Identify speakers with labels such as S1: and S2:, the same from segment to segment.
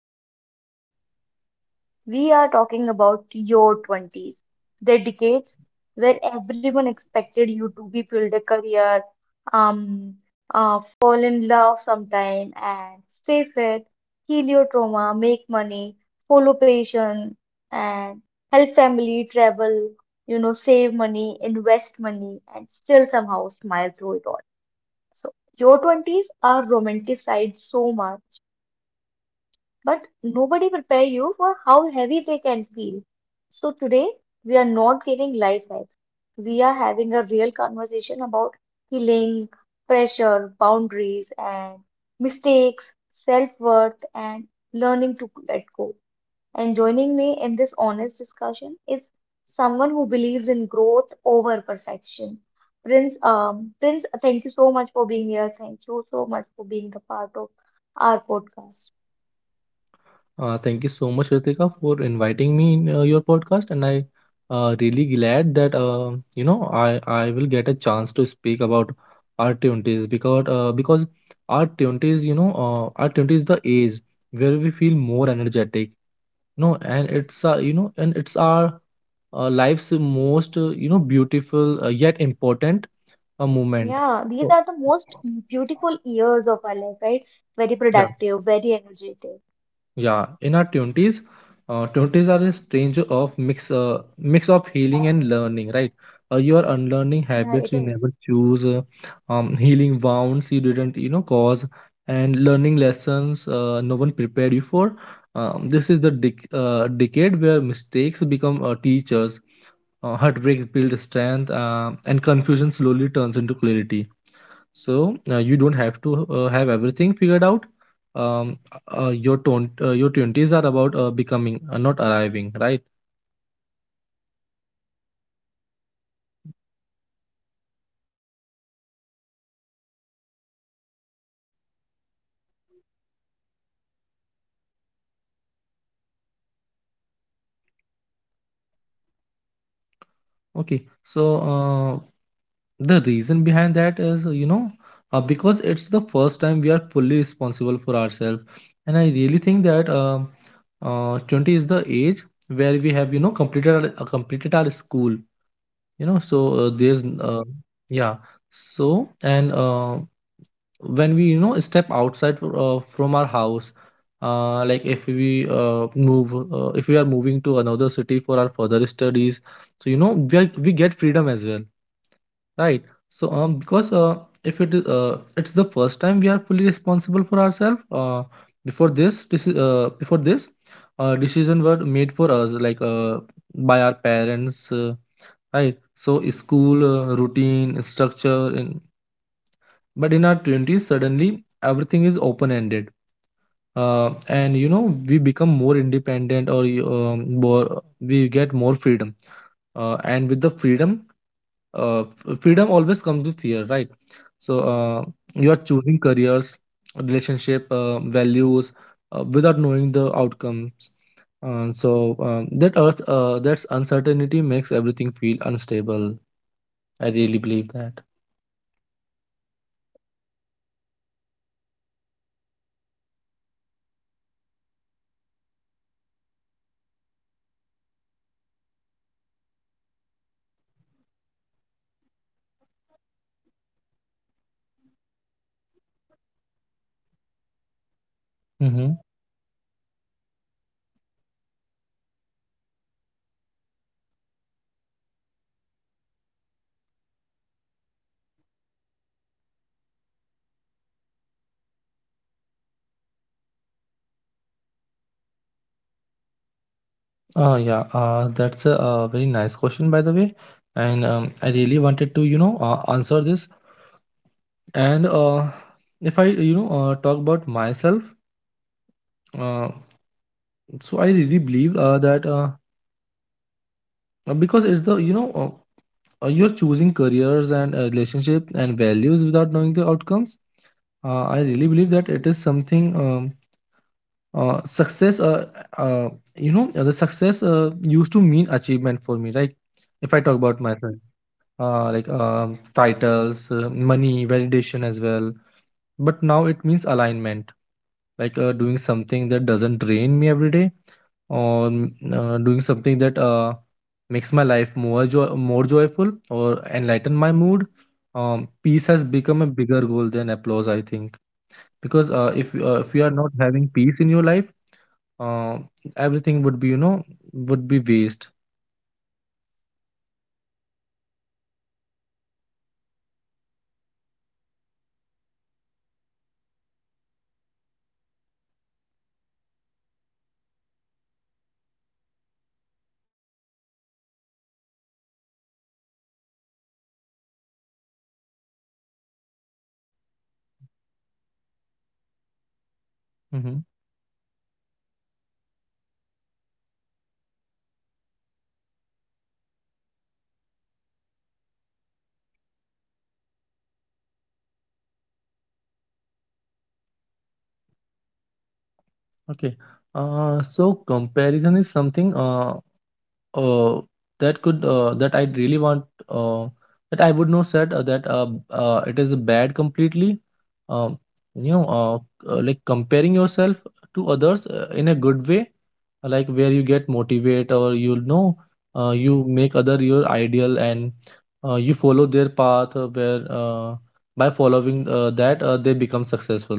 S1: today we are talking about your 20s, the decades where everyone expected you to be build a career, um, fall in love sometime and stay fit, heal your trauma, make money, follow passion and help family, travel, save money, invest money, and still somehow smile through it all. So your 20s are romanticized so much, but nobody prepare you for how heavy they can feel. So today we are not giving life hacks. We are having a real conversation about healing, pressure, boundaries, and mistakes, self-worth, and learning to let go. And joining me in this honest discussion is someone who believes in growth over perfection. Prince, thank you so much for being here. Thank you so much for being the part of our podcast.
S2: Thank you so much, Ritika, for inviting me in your podcast, and I really glad that you know I will get a chance to speak about our twenties because our twenties our twenties is the age where we feel more energetic, you know, and it's our life's most beautiful yet important moment.
S1: Yeah, these
S2: So,
S1: are the most beautiful years of our life, right? Very
S2: yeah.
S1: productive, very energetic.
S2: Yeah, in our 20s, 20s are a strange of mix of healing and learning, right? You are unlearning
S1: Yeah, it
S2: habits you
S1: is.
S2: never choose, healing wounds you didn't, cause, and learning lessons no one prepared you for. This is the decade where mistakes become teachers, heartbreak builds strength, and confusion slowly turns into clarity, so you don't have to have everything figured out. um your tone, your 20s are about becoming, not arriving, right?
S1: Yeah, very true. Uh, yeah, so Prince, let's start here. Why do you think that our 20s feel so confusing, overwhelming, and emotionally intense? What is the reason behind it?
S2: Okay, so the reason behind that is, you know, because it's the first time we are fully responsible for ourselves. And I really think that 20 is the age where we have, you know, completed our school, you know. so uh, there's
S1: Yeah,
S2: uh, yeah so and uh, when we, you know, step outside from our house, like if we are moving to another city for our further studies, so you know we get freedom as well, right? so because If it's the first time we are fully responsible for ourselves, before this this is, before this decision were made for us, like by our parents, right? So school, routine, structure. And but in our 20s, suddenly everything is open ended. And you know, we become more independent or we get more freedom. And with the freedom, freedom always comes with fear, right? So you are
S1: yes.
S2: choosing careers, relationship, values, without knowing the outcomes. That's uncertainty makes everything feel unstable. I really believe that.
S1: Yeah, that is really very true, Prince, because your 20s are not just about doing things. They are about, unlearning all, unlearning also, your beliefs, habits, and expectations that no longer fit you.
S2: Mm-hmm.
S1: Right. So one of the biggest pressure in your 20s is success. If you are not earning enough, people worry. If you are not settled, people can caution you. If you are not exploring, people call you confused. So, friends, how do you personally view success now?
S2: Yeah, that's a very nice question, by the way. And I really wanted to, you know, answer this. And if I, you know, talk about myself, uh, so I really believe that because it's the, you're choosing careers and relationship and values without knowing the outcomes. I really believe that it is something. Um, success, uh, you know, the success used to mean achievement for me, right? If I talk about
S1: Yes,
S2: myself.
S1: yes,
S2: Like titles, money, validation as well. But now it means alignment, like doing something that doesn't drain me every day, or doing something that makes my life more more joyful or enlighten my mood. Peace has become
S1: yeah,
S2: a bigger goal than applause, I think, because if
S1: yeah,
S2: you are not
S1: very true.
S2: having peace in your life, uh, everything would be, you know, would be waste.
S1: Yeah, I really love that when you said that alignment over applause. So we don't talk enough about, how chasing validation, how it can slowly disconnect you from yourself also. So let's talk about comparison, because it silently destroys self-esteem also. It destroys the self-belief of any person uh,
S2: Hmm.
S1: when you open the social media, and suddenly, you saw people, they are traveling. You know they are earning, they are glowing also, they are winning. So, Prince, how do you protect your mental space, from comparison only?
S2: Okay. So comparison is something Uh, that I really want. uh, that I would not said that it is bad completely. Um, you know, like comparing yourself to others in a good way, like where you get motivate, or you know, you make other your ideal and you follow their path where by following that they become successful,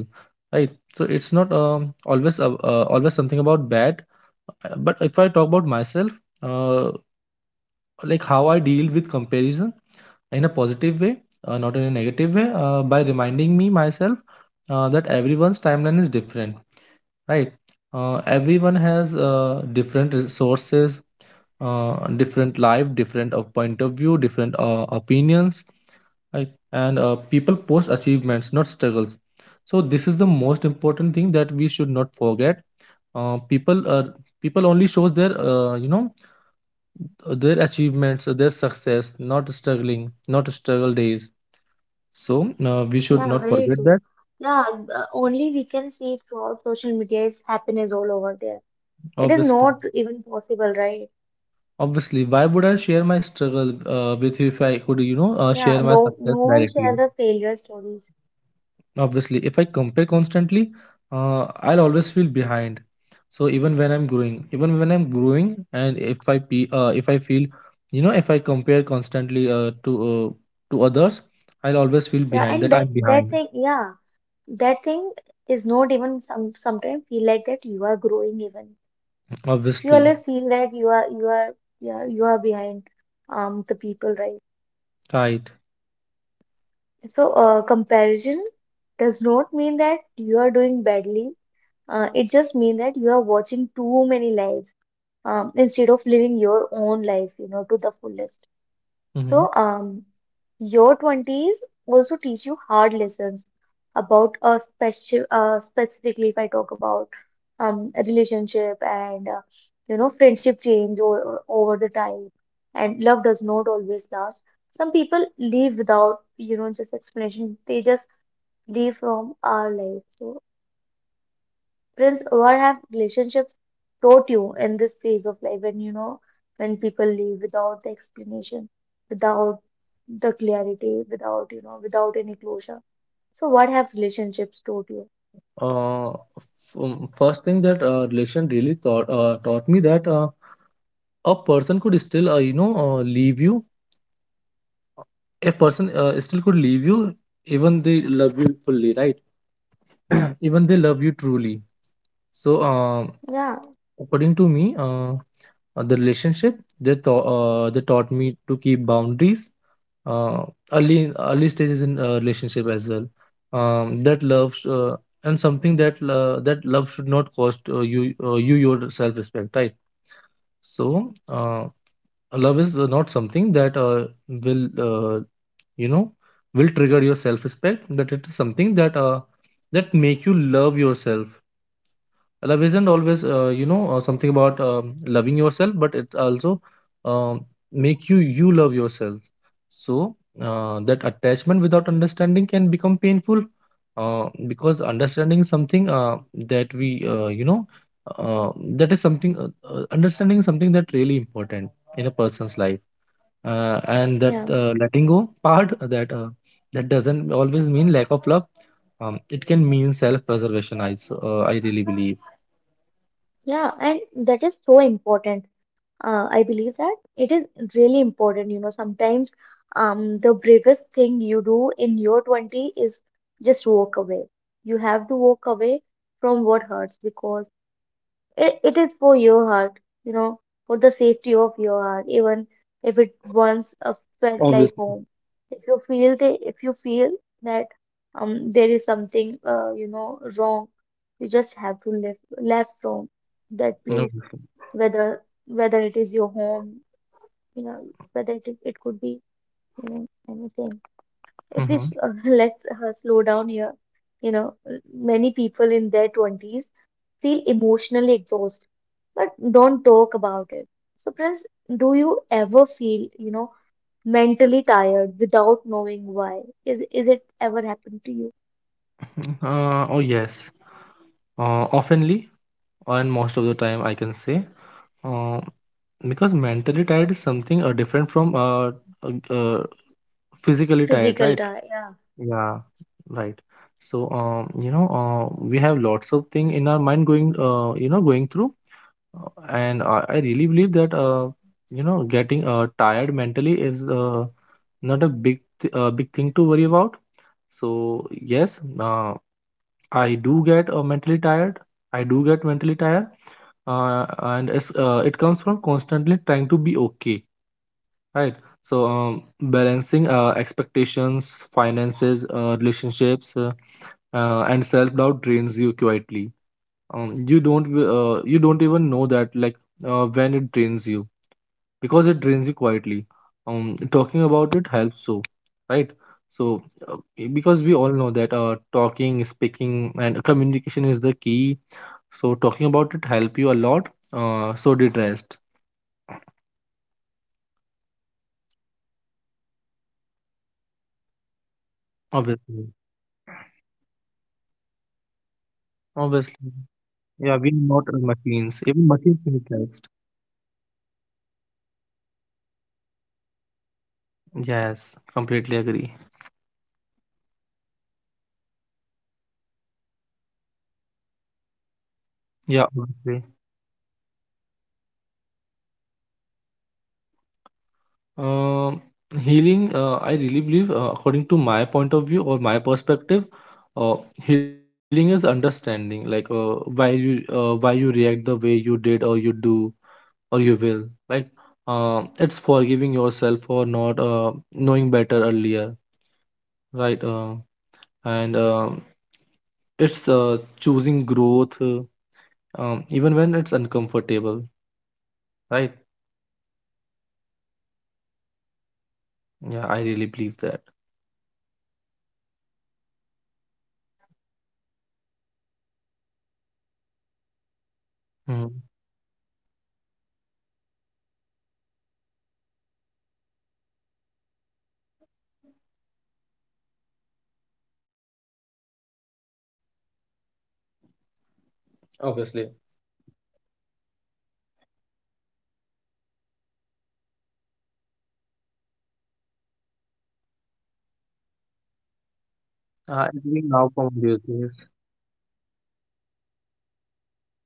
S2: right? So it's not always something about bad. But if I talk about myself, uh, like how I deal with comparison in a positive way, not in a negative way, by reminding me myself that everyone's timeline is different, right? Everyone has different resources, different life, different point of view, different opinions, right? And people post achievements, not struggles. So this is the most important thing that we should not forget. Uh, people uh, People only shows their, you know, their achievements, their success, not struggling, not struggle days. So we should
S1: Yeah,
S2: not
S1: very
S2: forget that.
S1: true. Yeah. Only we can see throughout social media is happiness all over there. It is
S2: Obviously,
S1: not even possible, right?
S2: obviously, why would I share my struggle with you if I could, you know, share
S1: Yeah,
S2: my
S1: no,
S2: success
S1: no one share
S2: directly?
S1: the failure stories.
S2: Obviously, if I compare constantly, I'll always feel behind. So even when I'm growing, even when I'm growing, and if if I feel, you know, if I compare constantly to others, I'll always feel
S1: Yeah,
S2: behind. That
S1: and
S2: I'm
S1: that
S2: behind.
S1: that thing. Yeah, that thing is not even some sometimes feel like that you are growing even. You
S2: Obviously,
S1: always feel that you are behind the people, right?
S2: right.
S1: So, comparison does not mean that you are doing badly. It just means that you are watching too many lives, instead of living your own life to the fullest.
S2: Mhm.
S1: So, your 20s also teach you hard lessons about a specifically if I talk about a relationship, and you know friendship change, or over the time, and love does not always last. Some people leave without just explanation. They just leave from our life. So, Prince, what have relationships taught you in this phase of life, when when people leave without the explanation, without the clarity, without without any closure? So, what have relationships taught you?
S2: First thing that relation really taught me that a person could still, you know, leave you. A person still could leave you even they love you fully, right? Even they love you truly. So,
S1: Yeah,
S2: according to me, the relationship they taught me to keep boundaries uh, early early stages in a relationship as well. Um, that love sh- uh, and something that that love should not cost you your self respect, right? So, love is not something that will, you know, will trigger your self respect. But it is something that that make you love yourself. Love isn't always something about, loving yourself, but it also, um, make you love yourself. So that attachment without understanding can become painful, because understanding something that we you know uh, that is something understanding is something that really important in a person's life. uh, and that
S1: yeah,
S2: uh, letting go part, that doesn't always mean lack of love. Um, it can mean self preservation, I really believe.
S1: yeah, and that is so important. I believe that it is really important. You know, sometimes, the bravest thing you do in your 20 is just walk away. You have to walk away from what hurts, because it is for your heart, for the safety of your heart, even if it once felt like
S2: Obviously.
S1: home. If you feel that there is something wrong. You just have to live left from that place,
S2: Obviously.
S1: whether it is your home, whether it could be anything. If we s-
S2: Mhm.
S1: Let's slow down here. you know, Many people in their twenties feel emotionally exhausted, but don't talk about it. So, friends, do you ever feel, mentally tired without knowing why? Is it ever happened to you?
S2: Oh yes. Oftenly, and most of the time, I can say, uh, because mentally tired is something different from uh, uh, physically tired,
S1: Physical
S2: right?
S1: tire, yeah.
S2: Yeah, right. So you know, we have lots of thing in our mind going, you know, going through. And I really believe that you know, getting tired mentally is not a big thing to worry about. So yes, I do get mentally tired. I do get mentally tired. It comes from constantly trying to be okay, right? So balancing expectations, finances, relationships, and self doubt drains you quietly. um, you don't w- you don't even know that, like, when it drains you, because it drains you quietly. Um, talking about it helps, so, right. So because we all know that talking, speaking and communication is the key. So talking about it help you a lot, so did rest.
S1: Yeah, very true. You are allowed to rest, right? You are not lazy
S2: Obviously.
S1: for posing, because you are human, right? Your body needs
S2: Obviously.
S1: rest. Sometimes your
S2: Yeah, we're
S1: mind,
S2: not
S1: more than your
S2: machines. Even
S1: body,
S2: machines need
S1: your
S2: rest.
S1: mind, uh, yeah, your mind is the thing that needs the rest sometimes.
S2: Yes, completely agree.
S1: Yeah, so healing is a big word, but it is very personal. So, Prince,
S2: Yeah,
S1: what does
S2: obviously.
S1: healing look like to you? What does healing means to you?
S2: Um, healing, I really believe, according to my point of view or my perspective, uh, healing is understanding, like why you react the way you did, or you do, or you will. Like, it's forgiving yourself for not knowing better earlier, right? And it's choosing growth, even when it's uncomfortable, right?
S1: Yeah, very true.
S2: Yeah, I really believe that.
S1: Yeah, we have to, choose growth over everything. You know,
S2: Mhm.
S1: healing is not a liner. Some days you feel strong, some days old wounds hurt again, but both are the part of progress, right? Somehow you are progressing.
S2: Obviously,
S1: And if I talk about, yeah, if I talk about, career confusion, it is the another struggle. It is one of the, huge struggle in our
S2: it's
S1: 20s.
S2: being now
S1: We
S2: from
S1: are
S2: these
S1: always,
S2: days.
S1: always, yeah, we used to be very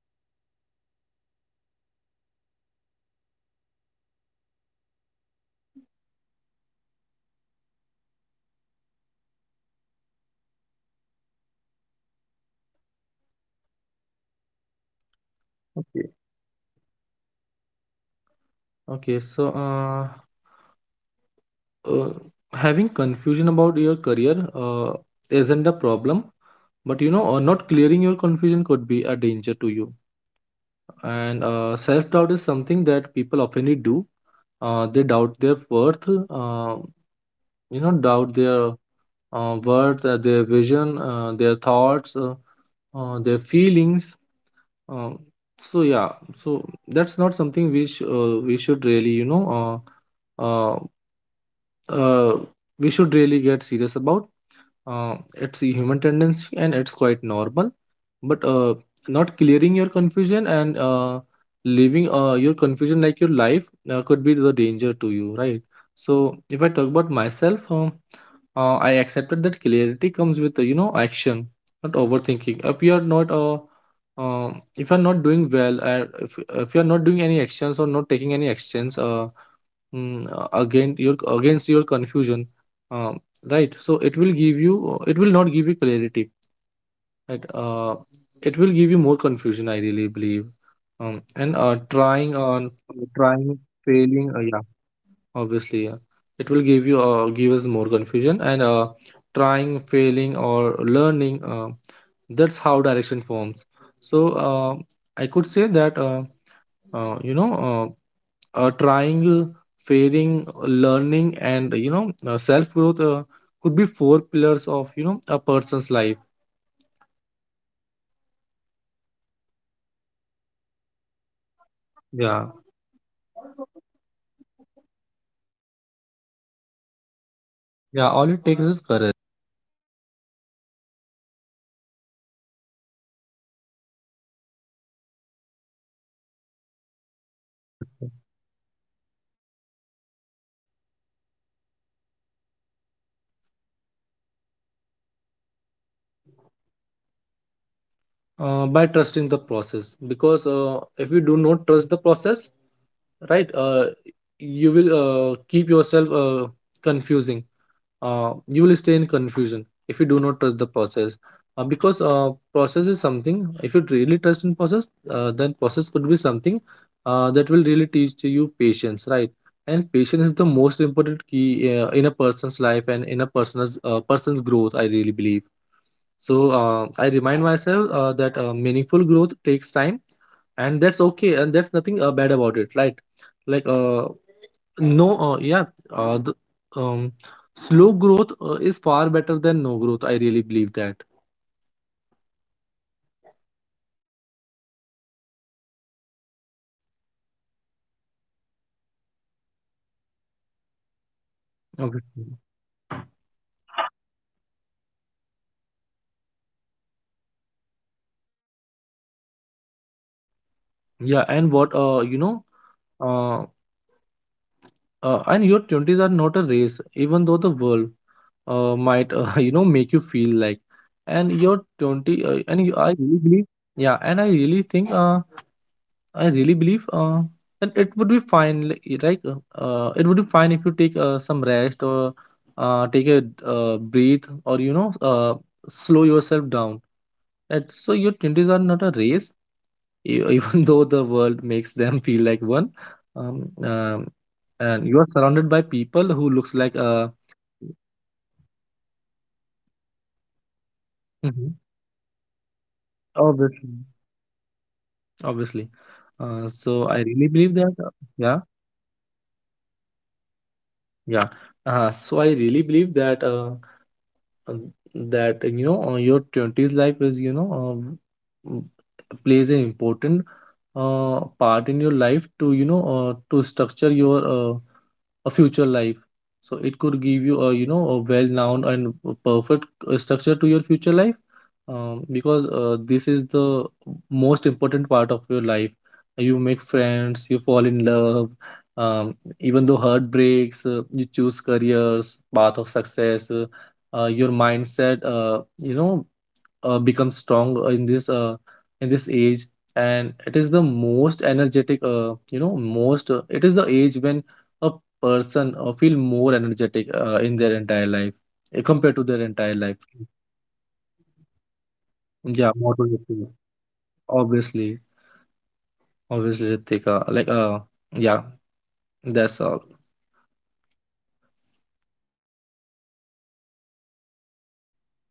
S1: confused about our career, because, there is no one to guide. There is no one to tell you what to do, where to do, how to do. So, Prince, how did you deal with uncertainty, about your path? I we really want to know your views on it.
S2: Okay, so uh, having confusion about your career isn't a problem, but you know, not clearing your confusion could be a danger to you. And self-doubt is something that people often do. They doubt their worth, you know, doubt their worth, their vision, their thoughts, their feelings. Um, so yeah, so that's not something which we should really, you know, uh uh, uh, we should really get serious about. It's a human tendency and it's quite normal. But not clearing your confusion and leaving your confusion like your life could be the danger to you, right? So if I talk about myself, I accepted that clarity comes with, you know, action, not overthinking. If you are not if you are not doing well, if if you are not doing any actions or not taking any actions, again your against your confusion, um, right? So it will give you, it will not give you clarity, right? It will give you more confusion, I really believe. And trying
S1: Yeah, it
S2: on
S1: will
S2: Trying,
S1: definitely give the
S2: failing, yeah,
S1: confusion.
S2: obviously, yeah. It will give you give us more confusion. And trying, failing or learning, that's how direction forms. So I could say that, uh, you know uh, triangle, fairing, learning and self growth could be four pillars of a person's life.
S1: Yeah, yeah, it is the, form of direction you can get. So
S2: Yeah.
S1: you don't need a perfect plan, right? You just need a courage to take the next step.
S2: Yeah, all it takes is courage.
S1: Yeah, exactly. Because, we often forget that, growth can be slow. We don't need
S2: Obviously.
S1: to rush for anything. It is possible that growth can be slow. So, Prince, how do you stay patient with yourself?
S2: By trusting the process, because if you do not trust the process, right, you will keep yourself confusing. You will stay in confusion if you do not trust the process, because process is something, if you really trust in process, then process could be something that will really teach you patience, right? And patience is the most important key in a person's life and in a person's growth, I really believe. So I remind myself that meaningful growth takes time, and that's okay, and that's nothing bad about it, right? like no Yeah. uh, the, um Slow growth is far better than no growth. I really believe that.
S1: Yeah, very, very true. That you really s- Yeah, it is something, uh everyone should listen to that,
S2: Okay.
S1: slow growth can be possible. It doesn't mean that you are not growing, right?
S2: Yeah.
S1: So
S2: Uh, and your 20s are not a race, even though the world might, you know, make you feel like. and your 20 uh,
S1: yeah,
S2: and
S1: it
S2: you,
S1: is
S2: I
S1: not.
S2: really believe. Yeah, and I really believe that it would be fine, it would be fine if you take some rest, or take a breathe, or slow yourself down. And so your twenties are not a race, even though the world makes them feel like one. Um, um,
S1: Yeah.
S2: and you are surrounded by people who looks like,
S1: Yeah, yeah, because a fast growth impress people, and slow growth
S2: Mhm.
S1: transform you within yourself,
S2: Obviously,
S1: right?
S2: obviously.
S1: So,
S2: So I really
S1: Prince,
S2: believe that. Uh,
S1: it, it is,
S2: yeah,
S1: yeah, c- continue, continue.
S2: yeah. So I really believe that. Uh, your 20s life is, m- plays an important part in your life, to to structure your a future life. So it could give you a, a well known and a perfect structure to your future life. Because this is the most important part of your life. You make friends, you fall in love, um, even though heart breaks. You choose careers path of success. Your mindset, becomes strong in this age. And it is the most energetic, you know most it is the age when a person feel more energetic in their entire life, compared to their
S1: Yeah,
S2: entire life.
S1: more energetic, more productive, more
S2: Yeah, more
S1: confident
S2: productive.
S1: sometimes.
S2: Obviously, obviously, Ritika, yeah, that's all.
S1: Yeah, Prince, it is at the time for our rapid fire.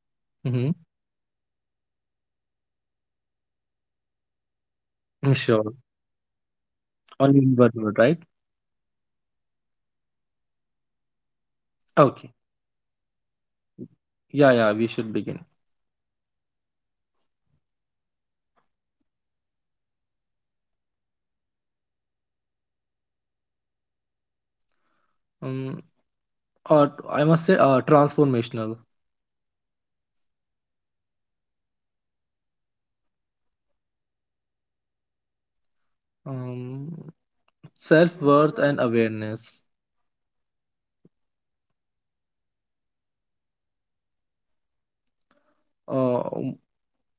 S1: You
S2: Mm-hmm.
S1: have to answer. I will gonna ask you a question, and you have to answer
S2: Mm, sure.
S1: in one word only.
S2: Only in one word,
S1: Okay.
S2: right?
S1: Yeah, it will be only a one.
S2: Okay.
S1: Okay, shall we begin?
S2: Yeah, yeah, we should begin.
S1: Yeah, if I if I'll ask you, what would be the one word for your twenties?
S2: Um, or I must say, transformational.
S1: Okay. Biggest lesson so far.
S2: Um, self-worth and awareness.
S1: Okay. Peace or ambition?
S2: Uh,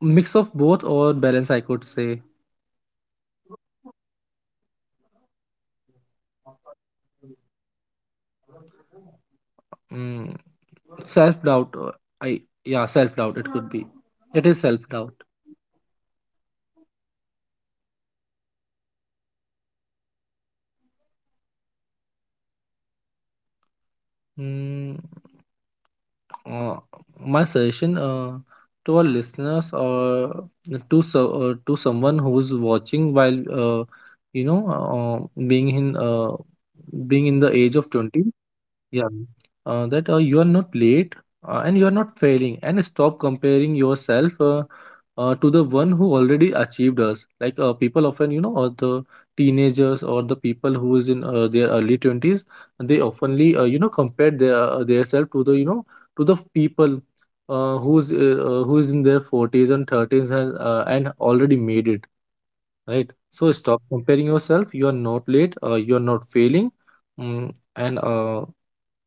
S2: mix of both, or balance, I could say.
S1: That is really great. One thing you are still healing from.
S2: Mm, self-doubt. I Yeah, self-doubt. It could be. It is self-doubt.
S1: Okay, really great, Best. If you know, What would you like to say someone who feels lost in their twenties?
S2: Mm, uh, my suggestion to our listeners, or to, to someone who's watching, while you know being in, being in the age of 20.
S1: Their 20s.
S2: Yeah,
S1: Yeah,
S2: that you are not late and you are not failing, and stop comparing yourself to the one who already achieved us. Like, people often, you know, or the teenagers, or the people who is in their early 20s, they oftenly, compare their self to the, you know, to the people who is in their 40s and 30s, and and already made it, right? So stop
S1: yeah,
S2: comparing yourself, you are not late, you are not failing. Mm, and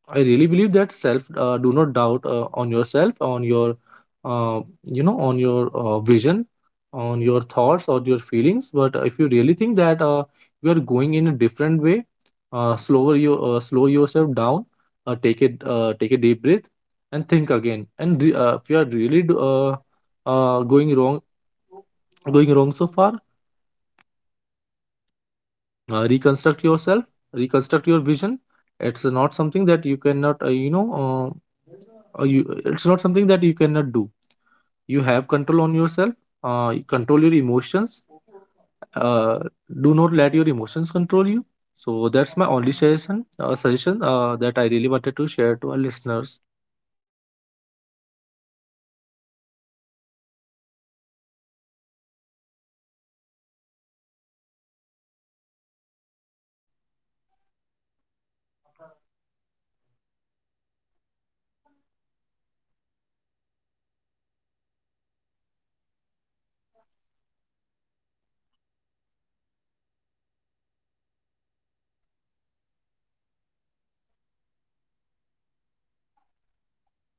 S2: I really believe that self do not doubt on yourself, on your, on your vision, on your thoughts or your feelings. But if you really think that you are going in a different way, slow yourself down, take a deep breath, and think again. If you are going wrong, going wrong so far, reconstruct yourself, reconstruct your vision. It's not something that you cannot, it's not something that you cannot do. You have control on yourself, you control your emotions, uh, do not let your emotions control you. So that's my only suggestion that I really wanted to share to our listeners.
S1: yeah. Thank you so much, Prince. And that is really great to know your views on 20s. And I wa also want to add that um, it is really okay if you dream, if your dream change. It is okay if you start over. It is okay if your timeline look different. And growth is not linear, as I said. It is messy sometimes, emotional sometimes, and it is often quiet, right? And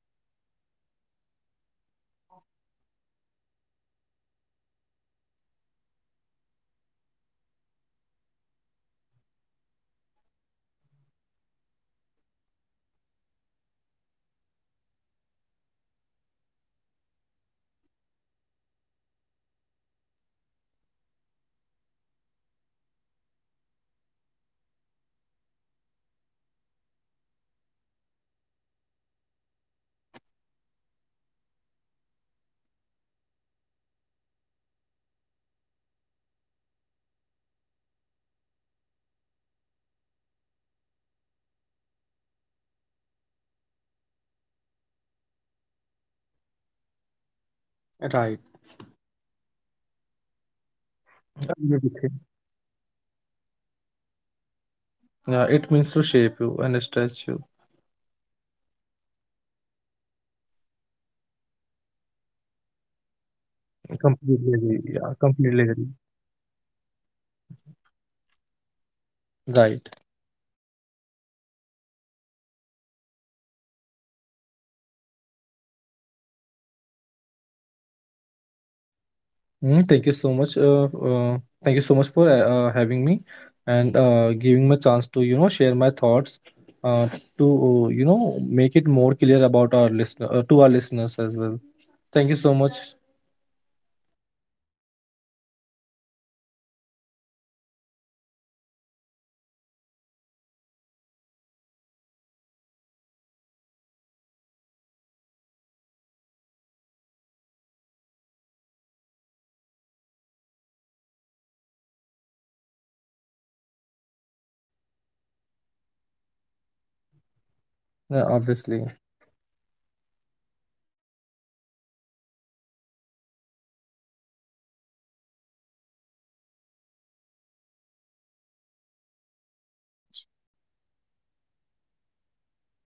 S1: please remember this, that you are not behind, you are becoming, becoming. One day you will look back at this lost version of yourself with so much tenderness and say, "You were brave that time. You know, you kept going even when you did not know where you were headed, but it will keep you moving." So, your 20s are not meant to be perfect. It is not at all okay, it is not at all important. It is not at all necessary that it should be perfect only. They are meant to shape you. They stretch you, humble you, and slowly introduce you to yourself. So you will outgrow people, you will change dreams,
S2: Right.
S1: you will doubt yourself and rise again.
S2: Agree
S1: Right,
S2: with
S1: Prince?
S2: you.
S1: It 20s is the time when you can rise again, right?
S2: Yeah, it means to shape you and stretch you.
S1: Yeah, and that is not weakness, that is becoming, right? It is not at
S2: Completely
S1: all
S2: agree. Yeah,
S1: weakness, because
S2: completely agree.
S1: you are just in your 20s.
S2: Right.
S1: Yeah, so thank you so much, Prince, for this honest and grounding conversation with us.
S2: Mm, thank you so much. Thank you so much for having me, and giving me a chance to, you know, share my thoughts uh, to, you know, make it more clear about our listener to our listeners as well. Thank you so much.
S1: Yeah, and and one more thing, and and to everyone who all are listening there, just take a deep breath. That's all I want to say, that you are doing better than you think. You are far much better than you think you are becoming. So,
S2: Obviously.
S1: this was Ritika, and this was Your 20s Are No Praise. Until next time, be gentle with yourself. Thank you so much.